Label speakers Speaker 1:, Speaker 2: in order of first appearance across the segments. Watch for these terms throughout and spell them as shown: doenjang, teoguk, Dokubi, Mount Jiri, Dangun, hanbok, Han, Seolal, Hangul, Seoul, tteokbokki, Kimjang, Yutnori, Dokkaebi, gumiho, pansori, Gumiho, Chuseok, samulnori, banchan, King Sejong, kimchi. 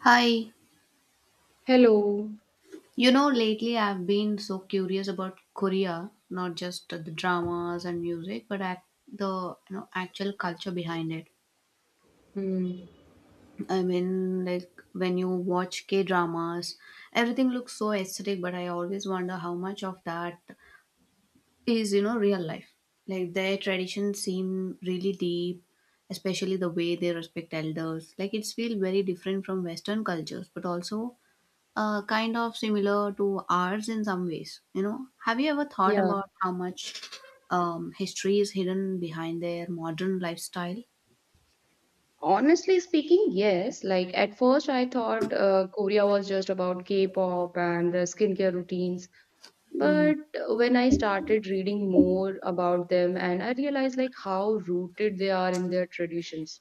Speaker 1: Hi,
Speaker 2: Hello.
Speaker 1: lately I've been so curious about Korea, not just the dramas and music, but the actual culture behind it.
Speaker 2: Hmm.
Speaker 1: When you watch K dramas, everything looks so aesthetic, but I always wonder how much of that is real life. Like their traditions seem really deep, especially the way they respect elders. Like it's feel very different from Western cultures, but also kind of similar to ours in some ways. Have you ever thought
Speaker 2: Yeah.
Speaker 1: about how much history is hidden behind their modern lifestyle?
Speaker 2: Honestly speaking, yes. Like at first, I thought Korea was just about K-pop and the skincare routines.
Speaker 1: Mm,
Speaker 2: But when I started reading more about them and I realized like how rooted they are in their traditions,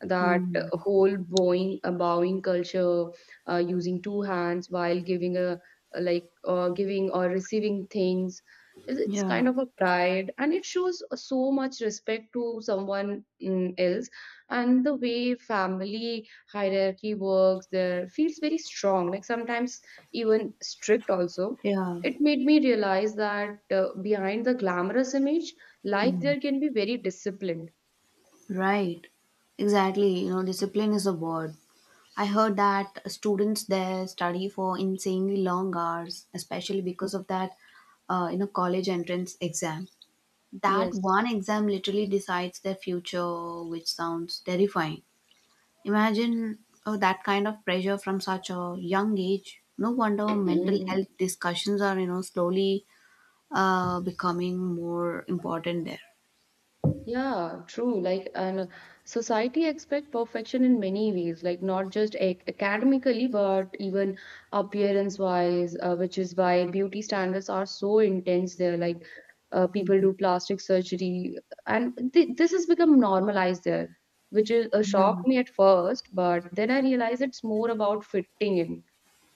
Speaker 2: that
Speaker 1: mm,
Speaker 2: whole bowing culture, using two hands while giving a like giving or receiving things. It's
Speaker 1: yeah,
Speaker 2: kind of a pride and it shows so much respect to someone, else. And the way family hierarchy works there feels very strong, like sometimes even strict also.
Speaker 1: yeah,
Speaker 2: It made me realize that behind the glamorous image, life
Speaker 1: mm,
Speaker 2: there can be very disciplined.
Speaker 1: right. Exactly. Discipline is a word. I heard that students there study for insanely long hours, especially because of that, college entrance exam. That one
Speaker 2: Yes.
Speaker 1: exam literally decides their future, which sounds terrifying. Imagine oh, that kind of pressure from such a young age. No wonder mental
Speaker 2: Mm.
Speaker 1: health discussions are, slowly becoming more important there.
Speaker 2: Yeah, true. And society expect perfection in many ways, like not just ac academically, but even appearance-wise, which is why beauty standards are so intense there. Like, people do plastic surgery, and th this has become normalized there, which is a
Speaker 1: Yeah.
Speaker 2: shock me at first, but then I realize it's more about fitting in.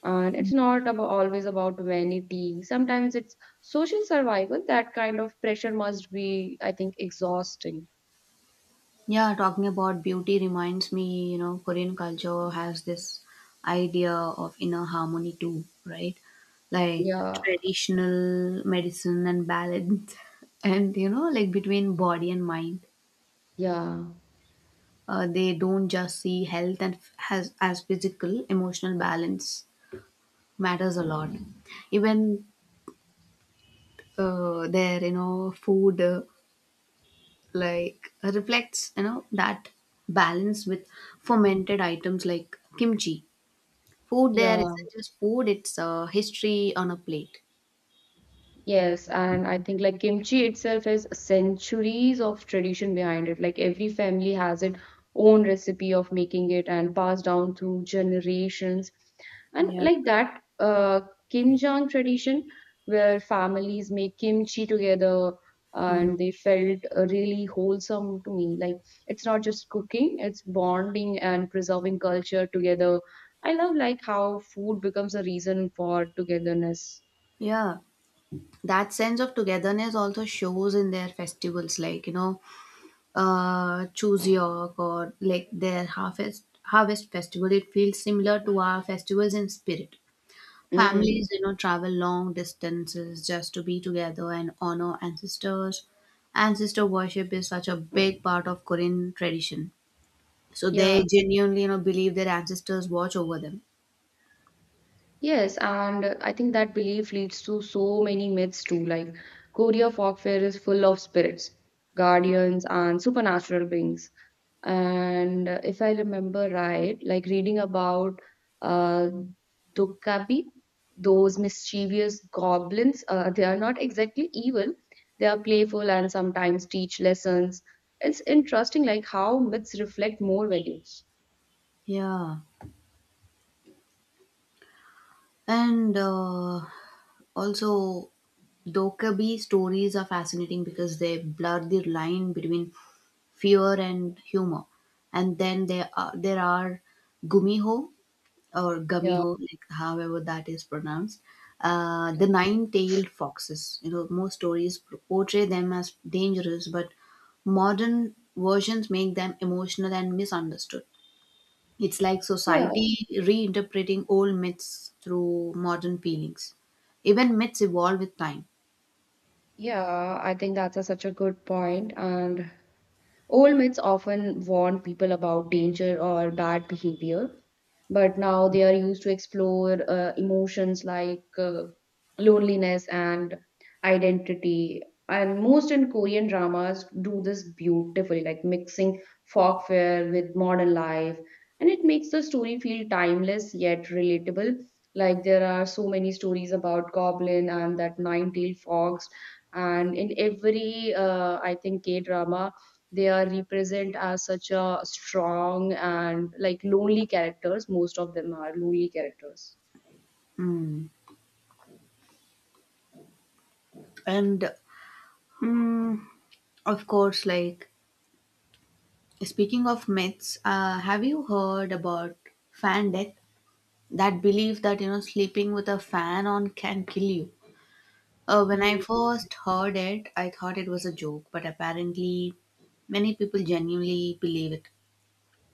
Speaker 2: And it's not about always about vanity. Sometimes it's social survival. That kind of pressure must be, I think, exhausting.
Speaker 1: Yeah, talking about beauty reminds me, Korean culture has this idea of inner harmony too, right? Like
Speaker 2: Yeah,
Speaker 1: traditional medicine and balance, and between body and mind.
Speaker 2: yeah,
Speaker 1: They don't just see health and has as physical, emotional balance matters a lot. Even their food like reflects that balance with fermented items like kimchi. Food there
Speaker 2: yeah.
Speaker 1: isn't just food, it's history on a plate.
Speaker 2: Yes, and I think like kimchi itself has centuries of tradition behind it. Like every family has its own recipe of making it and passed down through generations. And
Speaker 1: Yeah.
Speaker 2: like that Kimjang tradition, where families make kimchi together,
Speaker 1: Mm.
Speaker 2: and they felt really wholesome to me. Like it's not just cooking, it's bonding and preserving culture together. I love like how food becomes a reason for togetherness.
Speaker 1: Yeah, that sense of togetherness also shows in their festivals, like Chuseok or like their harvest festival. It feels similar to our festivals in spirit.
Speaker 2: Mm.
Speaker 1: Families, travel long distances just to be together and honor ancestors. Ancestor worship is such a big part of Korean tradition. So
Speaker 2: Yeah.
Speaker 1: they genuinely, believe their ancestors watch over them.
Speaker 2: Yes, and I think that belief leads to so many myths too. Like Korea folklore is full of spirits, guardians, and supernatural beings. And if I remember right, like reading about uh, Dokkaebi, those mischievous goblins, they are not exactly evil. They are playful and sometimes teach lessons. It's interesting, like how myths reflect more values.
Speaker 1: Yeah. And also, Dokubi stories are fascinating because they blur the line between fear and humor. And then there are gumiho, or
Speaker 2: Yeah.
Speaker 1: gummiho, like however that is pronounced, the nine-tailed foxes. Most stories portray them as dangerous, but modern versions make them emotional and misunderstood. It's like
Speaker 2: Yeah.
Speaker 1: society reinterpreting old myths through modern feelings. Even myths evolve with time.
Speaker 2: Yeah, I think that's a such a good point. And old myths often warn people about danger or bad behavior, but now they are used to explore emotions like loneliness and identity. And most in Korean dramas do this beautifully, like mixing folklore with modern life. And it makes the story feel timeless yet relatable. Like there are so many stories about Goblin and that nine-tailed fox. And in every, I think, K drama, they are represent as such a strong and like lonely characters. Most of them are lonely characters.
Speaker 1: And mm, of course, like speaking of myths, have you heard about fan death? That belief that sleeping with a fan on can kill you. When I
Speaker 2: Hmm.
Speaker 1: first heard it, I thought it was a joke, but apparently many people genuinely believe it.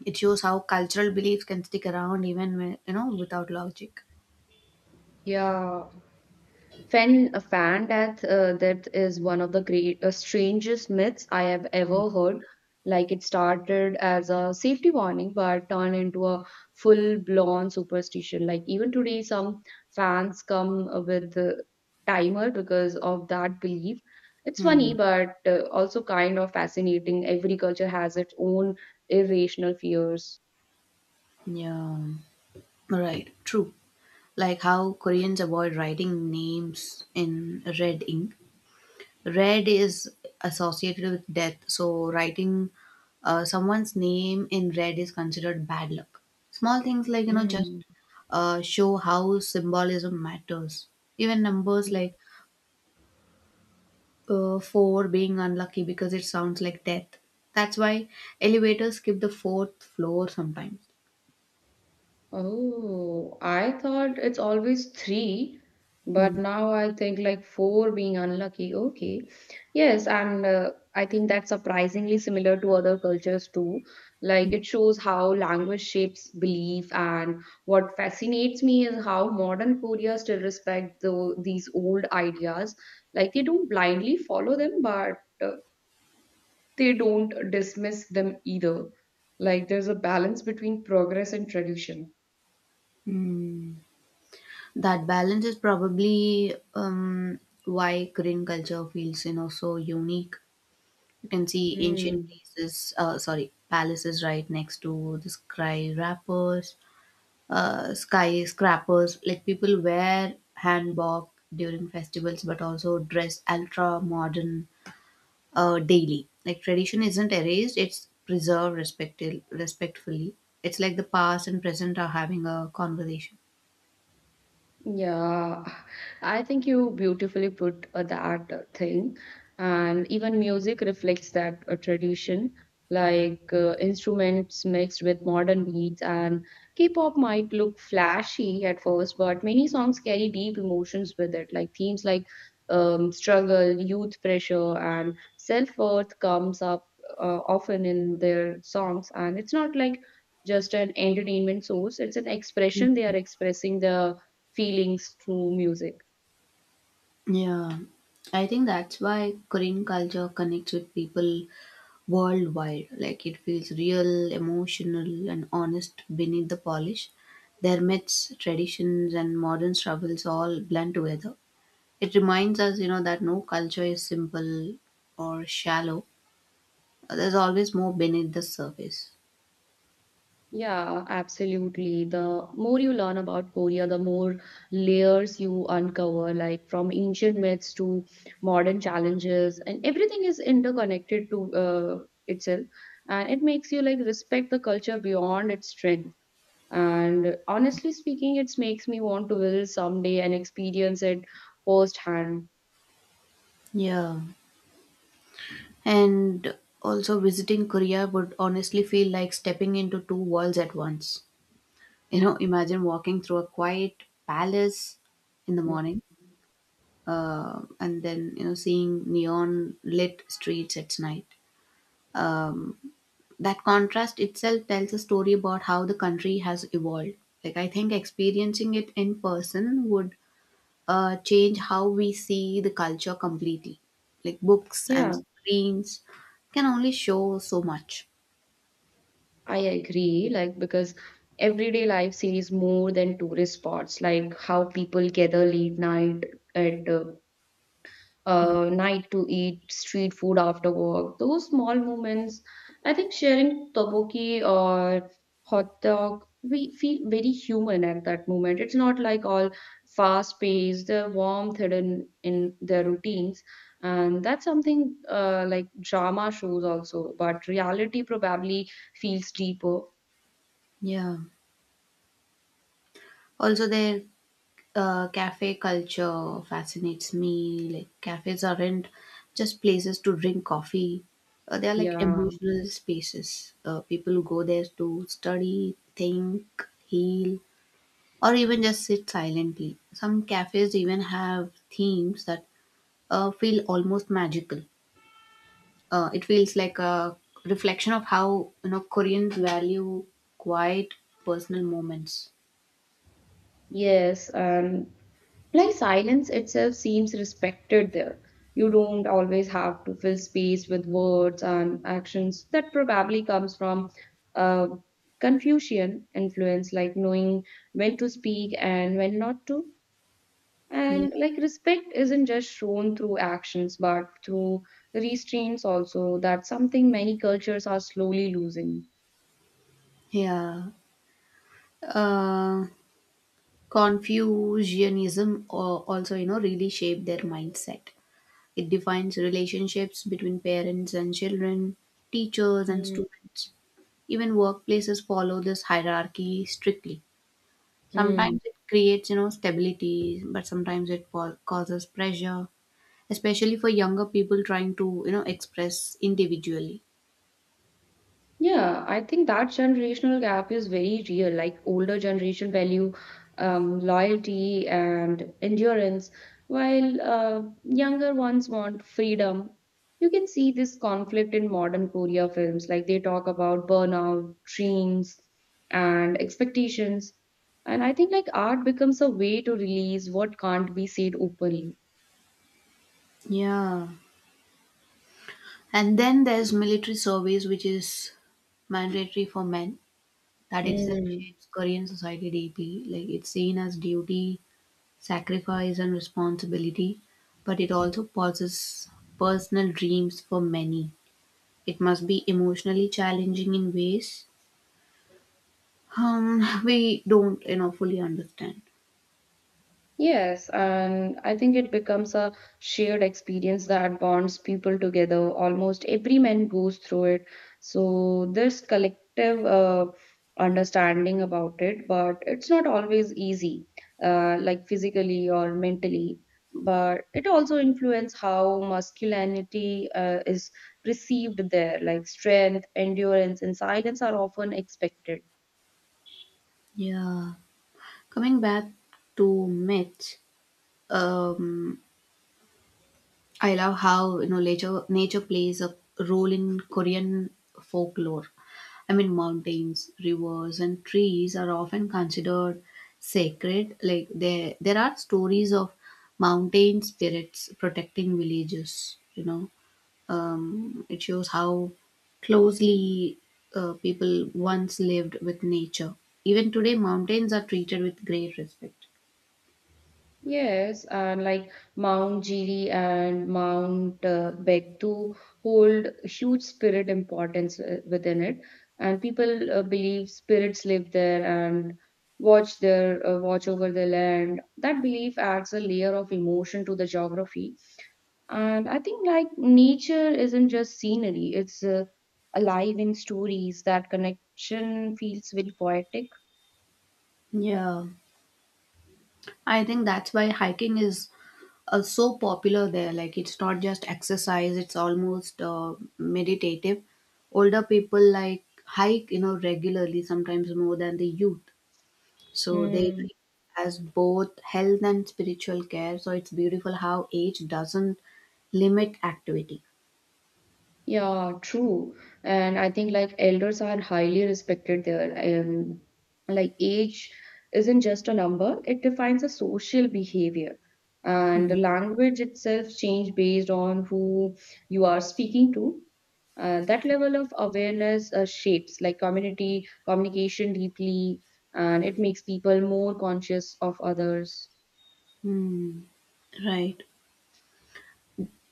Speaker 1: It shows how cultural beliefs can stick around even when you know without logic.
Speaker 2: Yeah. A fan death, that is one of the great, strangest myths I have ever heard. Like it started as a safety warning, but turned into a full-blown superstition. Like even today, some fans come with the timer because of that belief. It's funny,
Speaker 1: Hmm.
Speaker 2: but also kind of fascinating. Every culture has its own irrational fears.
Speaker 1: Yeah, right, true. Like how Koreans avoid writing names in red ink. Red is associated with death, so writing someone's name in red is considered bad luck. Small things like, just
Speaker 2: Mm.
Speaker 1: show how symbolism matters. Even numbers like 4 being unlucky because it sounds like death. That's why elevators skip the fourth floor sometimes.
Speaker 2: Oh, I thought it's always three, but
Speaker 1: Mm.
Speaker 2: now I think like four being unlucky. Okay. Yes, and I think that's surprisingly similar to other cultures too. Like it shows how language shapes belief, and what fascinates me is how modern Korea still respect the, these old ideas. Like they don't blindly follow them, but uh, they don't dismiss them either. Like there's a balance between progress and tradition.
Speaker 1: That balance is probably why Korean culture feels, so unique. You can see ancient
Speaker 2: Hmm.
Speaker 1: places, sorry, palaces right next to the skyscrapers. Like people wear hanbok during festivals, but also dress ultra modern daily. Like tradition isn't erased; it's preserved respectfully. It's like the past and present are having a conversation.
Speaker 2: Yeah, I think you beautifully put that thing, and even music reflects that tradition, like instruments mixed with modern beats. And K-pop might look flashy at first, but many songs carry deep emotions with it, like themes like struggle, youth pressure, and self-worth comes up often in their songs. And it's not like just an entertainment source; it's an expression. They are expressing the feelings through music.
Speaker 1: Yeah, I think that's why Korean culture connects with people worldwide. Like it feels real, emotional, and honest beneath the polish. Their myths, traditions, and modern struggles all blend together. It reminds us, that no culture is simple or shallow. There's always more beneath the surface.
Speaker 2: Yeah, absolutely. The more you learn about Korea, the more layers you uncover, like from ancient myths to modern challenges, and everything is interconnected to itself. And it makes you like respect the culture beyond its strength. And honestly speaking, it makes me want to visit someday and experience it firsthand.
Speaker 1: Yeah. And also visiting Korea would honestly feel like stepping into two worlds at once. Imagine walking through a quiet palace in the morning and then seeing neon lit streets at night. um, that contrast itself tells a story about how the country has evolved. Like I think experiencing it in person would change how we see the culture completely. Like books and
Speaker 2: Yeah.
Speaker 1: screens can only show so much.
Speaker 2: I agree, like because everyday life sees more than tourist spots, like how people gather late night at
Speaker 1: Mm.
Speaker 2: night to eat street food after work. Those small moments, I think, sharing tteokbokki or hot dog, we feel very human at that moment. It's not like all fast paced, the warmth hidden in their routines. And that's something like drama shows also, but reality probably feels deeper.
Speaker 1: Yeah, also there, cafe culture fascinates me. Like cafes aren't just places to drink coffee; they are like
Speaker 2: Yeah,
Speaker 1: emotional spaces. People go there to study, think, heal, or even just sit silently. Some cafes even have themes that feel almost magical. It feels like a reflection of how Koreans value quiet personal moments.
Speaker 2: yes, and like silence itself seems respected there. You don't always have to fill space with words and actions. That probably comes from uh, Confucian influence, like knowing when to speak and when not to.
Speaker 1: Yeah.
Speaker 2: And like respect isn't just shown through actions, but through restraints also. That's something many cultures are slowly losing.
Speaker 1: Yeah. Uh, Confucianism also, really shaped their mindset. It defines relationships between parents and children, teachers and
Speaker 2: Hmm.
Speaker 1: students. Even workplaces follow this hierarchy strictly.
Speaker 2: Mm.
Speaker 1: Sometimes it creates, stability, but sometimes it causes pressure, especially for younger people trying to, express individually.
Speaker 2: Yeah, I think that generational gap is very real. Like older generation value loyalty and endurance, while younger ones want freedom. You can see this conflict in modern Korea films. Like they talk about burnout, dreams, and expectations. And I think like art becomes a way to release what can't be said openly.
Speaker 1: Yeah. And then there's military service, which is mandatory for men. That itself
Speaker 2: Hmm.
Speaker 1: shapes Korean society deeply. Like it's seen as duty, sacrifice, and responsibility, but it also pauses personal dreams for many. It must be emotionally challenging in ways we don't, fully understand.
Speaker 2: Yes, and I think it becomes a shared experience that bonds people together. Almost every man goes through it. So there's collective understanding about it, but it's not always easy, like physically or mentally. But it also influences how masculinity is perceived there, like strength, endurance, and silence are often expected.
Speaker 1: Yeah, coming back to myths. Um, I love how nature plays a role in Korean folklore. I mean, mountains, rivers, and trees are often considered sacred. Like there are stories of mountain spirits protecting villages. It shows how closely people once lived with nature. Even today, mountains are treated with great respect.
Speaker 2: Yes, and like Mount Jiri and Mount Begtu hold huge spirit importance within it, and people believe spirits live there and watch over the land. That belief adds a layer of emotion to the geography, and I think like nature isn't just scenery; it's alive in stories. That connection feels very poetic.
Speaker 1: Yeah, I think that's why hiking is so popular there. Like it's not just exercise; it's almost meditative. Older people like hike, regularly, sometimes more than the youth. So they
Speaker 2: Hmm.
Speaker 1: treat it as both health and spiritual care. So it's beautiful how age doesn't limit activity.
Speaker 2: Yeah, true. And I think like elders are highly respected there. And like age isn't just a number, it defines a social behavior. And
Speaker 1: Mm.
Speaker 2: the language itself change based on who you are speaking to. That level of awareness shapes like community communication deeply, and it makes people more conscious of others.
Speaker 1: Hmm. Right.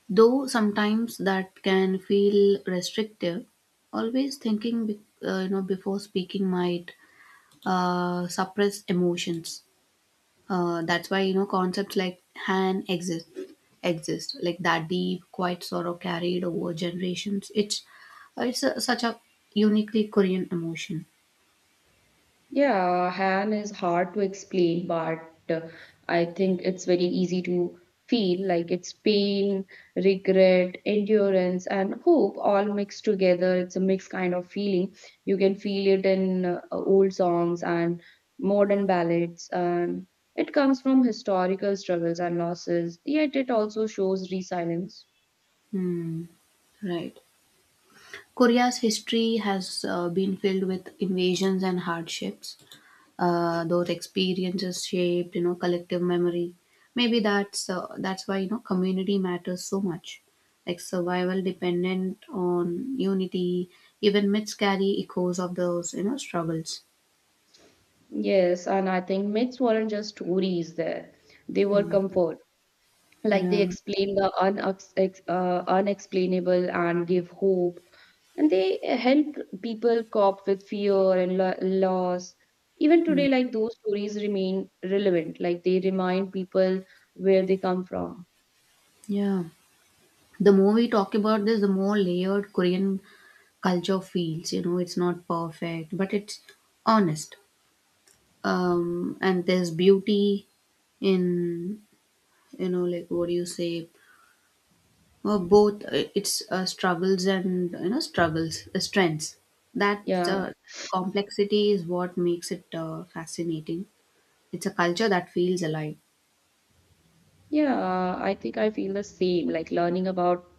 Speaker 1: Though sometimes that can feel restrictive, always thinking, before speaking might suppress emotions. That's why concepts like Han exist, like that deep quiet sorrow carried over generations. It's a, such a uniquely Korean emotion.
Speaker 2: Yeah, Han is hard to explain, but uh, I think it's very easy to feel. Like it's pain, regret, endurance, and hope all mixed together. It's a mixed kind of feeling. You can feel it in old songs and modern ballads, and it comes from historical struggles and losses, yet it also shows resilience.
Speaker 1: Hmm, right. Korea's history has been filled with invasions and hardships. Those experiences shaped collective memory. Maybe that's why community matters so much. Like survival dependent on unity. Even myths carry echoes of those struggles.
Speaker 2: Yes, and I think myths weren't just stories there, they were
Speaker 1: Mm.
Speaker 2: comfort. Like they
Speaker 1: Yeah,
Speaker 2: explain the unexplainable and give hope. And they help people cope with fear and loss. Even
Speaker 1: mm,
Speaker 2: today, like those stories remain relevant. Like they remind people where they come from.
Speaker 1: yeah, the more we talk about this, the more layered Korean culture feels. It's not perfect, but it's honest. And there's beauty in, you know like what do you say both its struggles and you know struggles strengths. That
Speaker 2: Yeah.
Speaker 1: complexity is what makes it fascinating. It's a culture that feels alive.
Speaker 2: Yeah, I think I feel the same, like learning about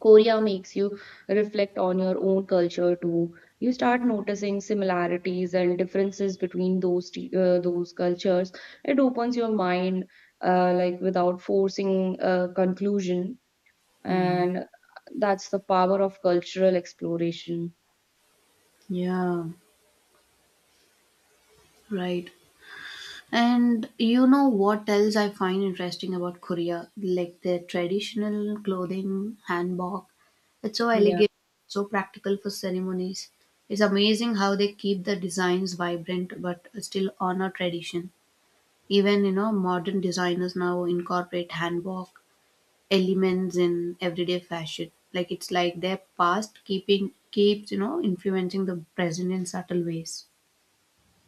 Speaker 2: Korea makes you reflect on your own culture too. You start noticing similarities and differences between those those cultures. It opens your mind, like without forcing a conclusion,
Speaker 1: Mm,
Speaker 2: and that's the power of cultural exploration.
Speaker 1: yeah, right. And what else I find interesting about Korea, like their traditional clothing, hanbok. It's so
Speaker 2: Yeah.
Speaker 1: elegant, so practical for ceremonies. It's amazing how they keep the designs vibrant but still honor tradition. Even, modern designers now incorporate handwork elements in everyday fashion. Like it's like their past keeping keeps, influencing the present in subtle ways.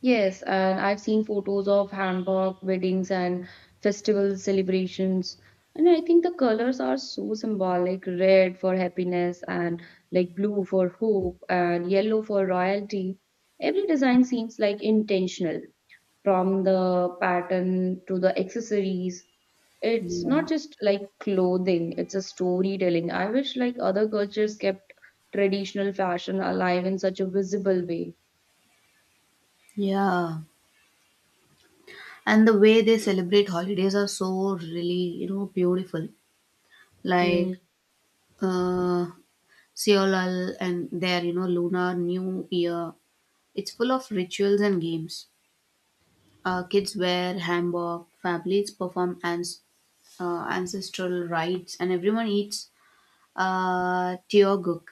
Speaker 2: Yes, and I've seen photos of Hamburg weddings and festival celebrations. And I think the colors are so symbolic, red for happiness and like blue for hope and yellow for royalty. Every design seems like intentional from the pattern to the accessories. It's not
Speaker 1: Yeah.
Speaker 2: just like clothing, it's a storytelling. I wish like other cultures kept traditional fashion alive in such a visible way.
Speaker 1: Yeah. And the way they celebrate holidays are so really, beautiful. Like
Speaker 2: Mm.
Speaker 1: uh Seolal and their, lunar new year. It's full of rituals and games. Kids wear hanbok, families perform and ancestral rites, and everyone eats teoguk.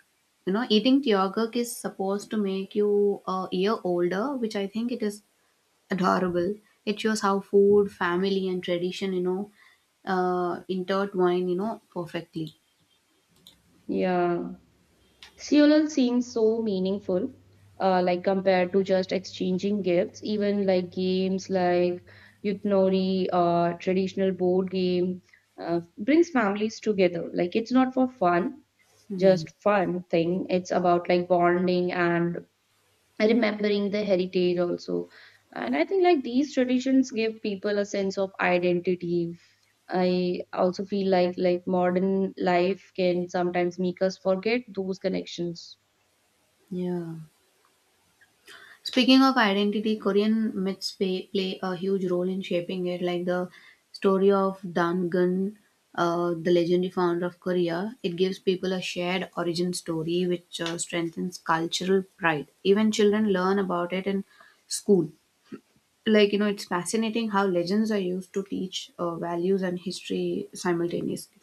Speaker 1: Eating teoguk is supposed to make you a year older, which I think it is adorable. It shows how food, family, and tradition, intertwine, perfectly.
Speaker 2: Yeah. Seoul seems so meaningful, like compared to just exchanging gifts. Even like games like Yutnori, traditional board game, brings families together. Like it's not for fun,
Speaker 1: Hmm.
Speaker 2: just fun thing. It's about like bonding and remembering the heritage also. And I think like these traditions give people a sense of identity. I also feel like modern life can sometimes make us forget those connections.
Speaker 1: Yeah. Speaking of identity, Korean myths play a huge role in shaping it, like the story of Dangun, the legendary founder of Korea. It gives people a shared origin story which strengthens cultural pride. Even children learn about it in school. Like, it's fascinating how legends are used to teach values and history simultaneously.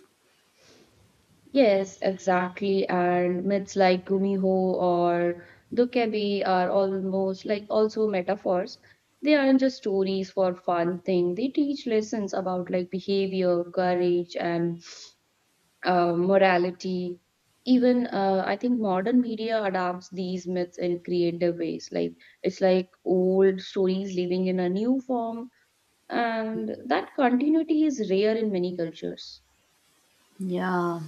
Speaker 2: Yes, exactly. And myths like Gumiho or Dokebi are almost like also metaphors. They aren't just stories for fun thing. They teach lessons about like behavior, courage, and morality. Even I think modern media adapts these myths in creative ways. Like it's like old stories living in a new form, and that continuity is rare in many cultures.
Speaker 1: Yeah.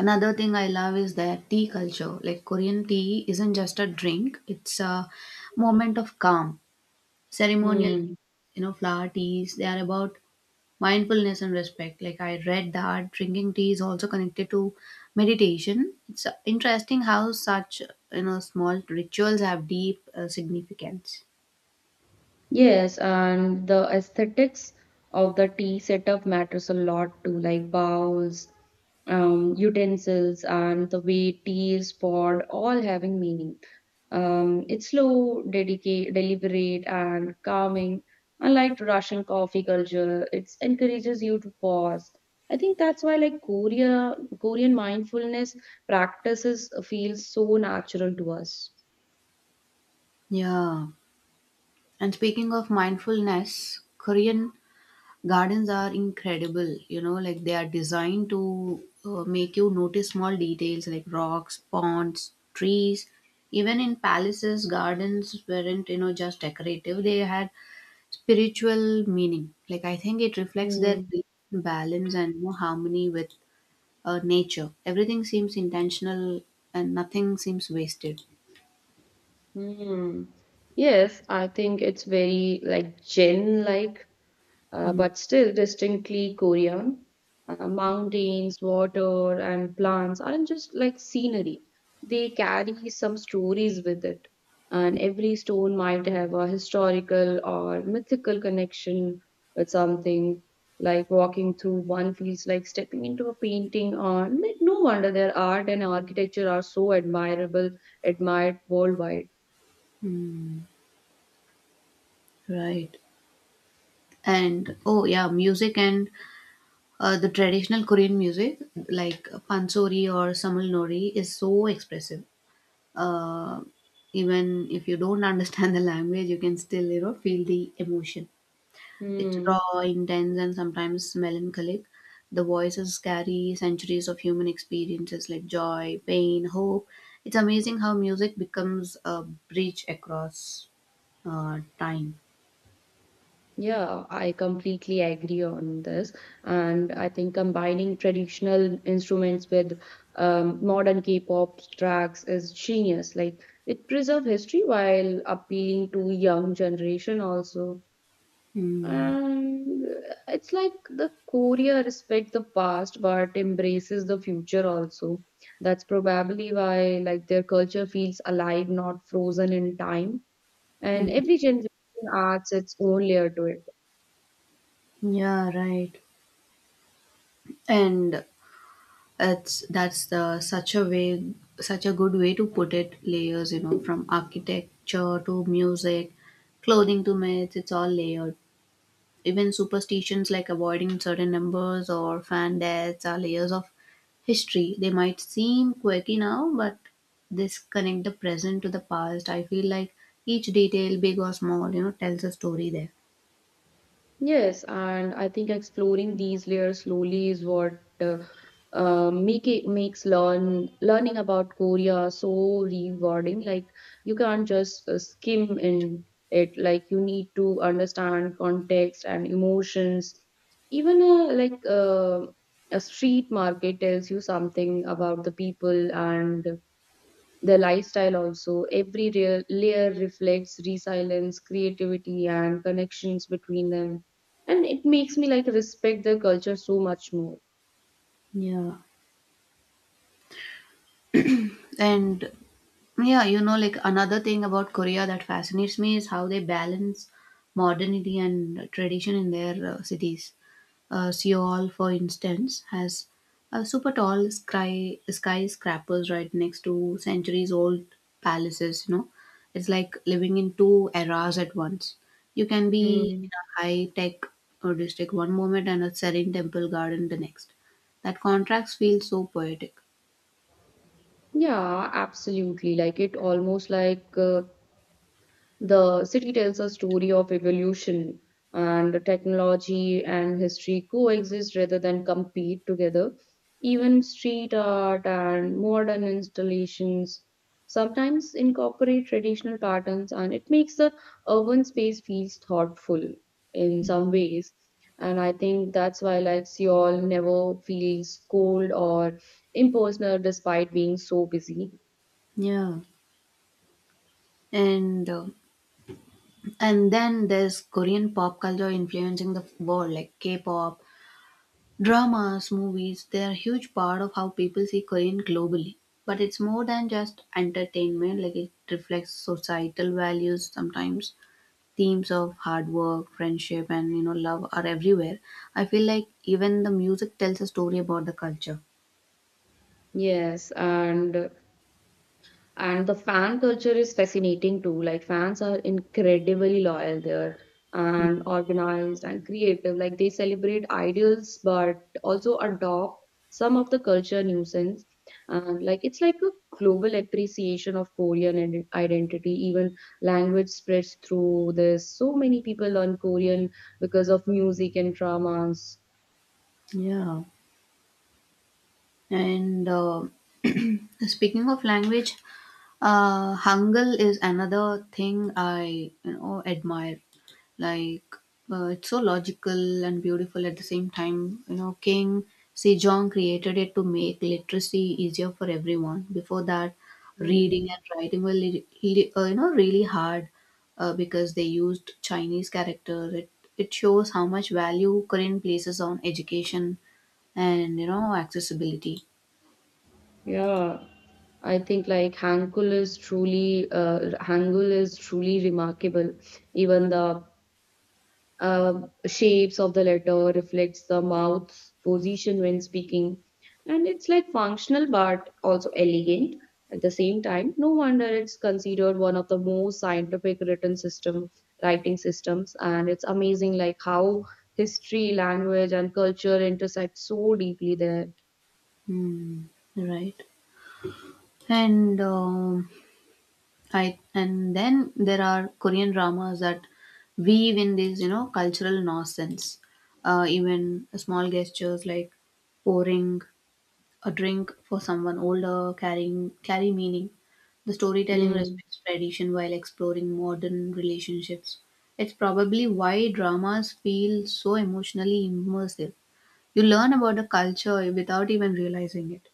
Speaker 1: Another thing I love is their tea culture. Like Korean tea isn't just a drink, it's a moment of calm. Ceremonial
Speaker 2: Hmm.
Speaker 1: flower teas, they are about mindfulness and respect. Like I read that drinking tea is also connected to meditation. It's interesting how such small rituals have deep significance.
Speaker 2: Yes, and the aesthetics of the tea setup matters a lot too, like bowls, utensils, and the way tea is poured, all having meaning. It's slow, dedicate, deliberate, and calming. Unlike Russian coffee culture, it encourages you to pause. I think that's why, like Korea, Korean mindfulness practices feel so natural to us.
Speaker 1: Yeah, and speaking of mindfulness, Korean gardens are incredible, like they are designed to make you notice small details like rocks, ponds, trees. Even in palaces, gardens weren't, just decorative, they had spiritual meaning. Like, I think it reflects their belief in balance and harmony with nature. Everything seems intentional and nothing seems wasted.
Speaker 2: Hmm. Yes, I think it's very like general like
Speaker 1: Mm.
Speaker 2: but still distinctly Korean. Mountains, water, and plants aren't just like scenery. They carry some stories with it, and every stone might have a historical or mythical connection with something. Like walking through one feels like stepping into a painting. Or like, no wonder their art and architecture are so admired worldwide.
Speaker 1: Right. And oh, yeah, music and the traditional Korean music, like pansori or samulnori, is so expressive. Uh, even if you don't understand the language, you can still feel the emotion. It's
Speaker 2: Hmm.
Speaker 1: raw, intense, and sometimes melancholic. The voices carry centuries of human experiences like joy, pain, hope. It's amazing how music becomes a bridge across time.
Speaker 2: Yeah, I completely agree on this. And I think combining traditional instruments with modern K-pop tracks is genius. Like it preserves history while appealing to young generation also.
Speaker 1: Hmm.
Speaker 2: And it's like the Korea respect the past but embraces the future also. That's probably why like their culture feels alive, not frozen in time. And
Speaker 1: Hmm.
Speaker 2: every generation adds its own layer to it.
Speaker 1: Yeah, right. And It's that's the such a way, such a good way to put it. Layers, from architecture to music, clothing to myths, it's all layered. Even superstitions like avoiding certain numbers or fan deaths are layers of history. They might seem quirky now, but this connect the present to the past. I feel like each detail, big or small, tells a story there.
Speaker 2: Yes, and I think exploring these layers slowly is what uh, makes learning about Korea so rewarding. Like you can't just skim in it. Like you need to understand context and emotions. Even a street market tells you something about the people and their lifestyle also. Every real layer reflects resilience, creativity, and connections between them. And it makes me like respect their culture so much more.
Speaker 1: Yeah, and yeah, like another thing about Korea that fascinates me is how they balance modernity and tradition in their cities. Seoul, for instance, has a super tall skyscrapers right next to centuries-old palaces. It's like living in two eras at once. You can be
Speaker 2: Hmm.
Speaker 1: in a high-tech district one moment and a serene temple garden the next. That contrast feels so poetic.
Speaker 2: Yeah, absolutely. Like it almost like the city tells a story of evolution. And technology and history coexist rather than compete together. Even street art and modern installations sometimes incorporate traditional patterns, and it makes the urban space feels thoughtful in some ways. And I think that's why, like Seoul, never feels cold or impersonal despite being so busy.
Speaker 1: Yeah, and and then there's Korean pop culture influencing the world, like K-pop, dramas, movies. They're a huge part of how people see Korean globally. But it's more than just entertainment, like it reflects societal values sometimes. Themes of hard work, friendship, and love are everywhere. I feel like even the music tells a story about the culture.
Speaker 2: Yes, and And the fan culture is fascinating too. Like fans are incredibly loyal there and organized and creative. Like they celebrate ideals but also adopt some of the culture nuisance. And like it's like a global appreciation of Korean and identity. Even language spreads through this. So many people learn Korean because of music and dramas.
Speaker 1: Yeah. And speaking of language, Hangul is another thing I admire. Like it's so logical and beautiful at the same time. King Sejong created it to make literacy easier for everyone. Before that, reading
Speaker 2: Hmm.
Speaker 1: and writing were really hard because they used Chinese characters. It shows how much value Korean places on education and accessibility.
Speaker 2: Yeah. I think like Hankul is truly Hangul is truly remarkable. Even the uh, shapes of the letter reflects the mouth's position when speaking, and it's like functional but also elegant at the same time. No wonder it's considered one of the most scientific written system writing systems, and it's amazing like how history, language, and culture intersect so deeply there.
Speaker 1: Hmm, right. And I and then there are Korean dramas that weave in these, cultural nonsense. Even small gestures like pouring a drink for someone older carry meaning. The storytelling
Speaker 2: Hmm.
Speaker 1: respects tradition while exploring modern relationships. It's probably why dramas feel so emotionally immersive. You learn about a culture without even realizing it.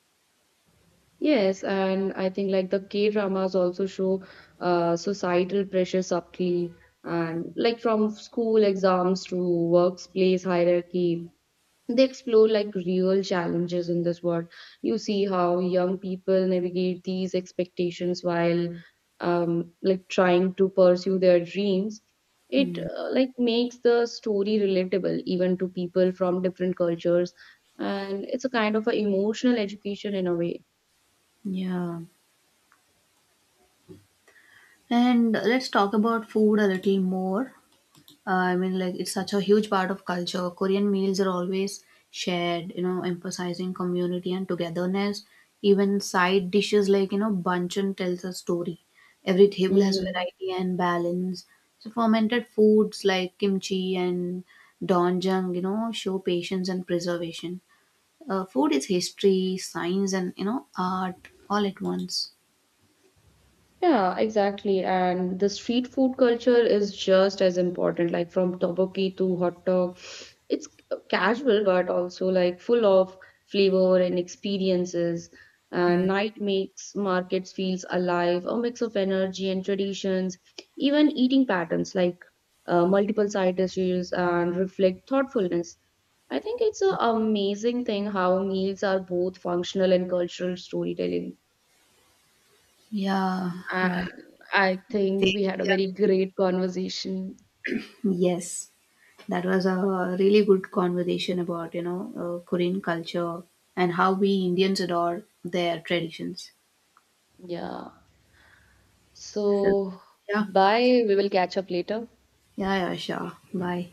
Speaker 2: Yes, and I think like the K-dramas also show societal pressure subtly, and like from school exams to workplace hierarchy, they explore like real challenges in this world. You see how young people navigate these expectations while like trying to pursue their dreams. It
Speaker 1: Mm,
Speaker 2: like makes the story relatable even to people from different cultures, and it's a kind of a emotional education in a way.
Speaker 1: yeah. And let's talk about food a little more. It's such a huge part of culture. Korean meals are always shared, emphasizing community and togetherness. Even side dishes like, banchan tells a story. Every table has
Speaker 2: Mm.
Speaker 1: variety and balance. So fermented foods like kimchi and doenjang, show patience and preservation. Food is history, science, and art all at once.
Speaker 2: Yeah, exactly. And the street food culture is just as important, like from tteokbokki to hot dog. It's casual, but also like full of flavor and experiences. And night makes markets feels alive, a mix of energy and traditions, even eating patterns like multiple side dishes and reflect thoughtfulness. I think it's an amazing thing how meals are both functional and cultural storytelling.
Speaker 1: Yeah,
Speaker 2: And
Speaker 1: right.
Speaker 2: I think we had a
Speaker 1: Yeah.
Speaker 2: very great conversation.
Speaker 1: Yes. That was a really good conversation about, Korean culture and how we Indians adore their traditions.
Speaker 2: Yeah.
Speaker 1: So,
Speaker 2: So,
Speaker 1: yeah,
Speaker 2: bye. We will catch up later.
Speaker 1: yeah, yeah, sure. Bye.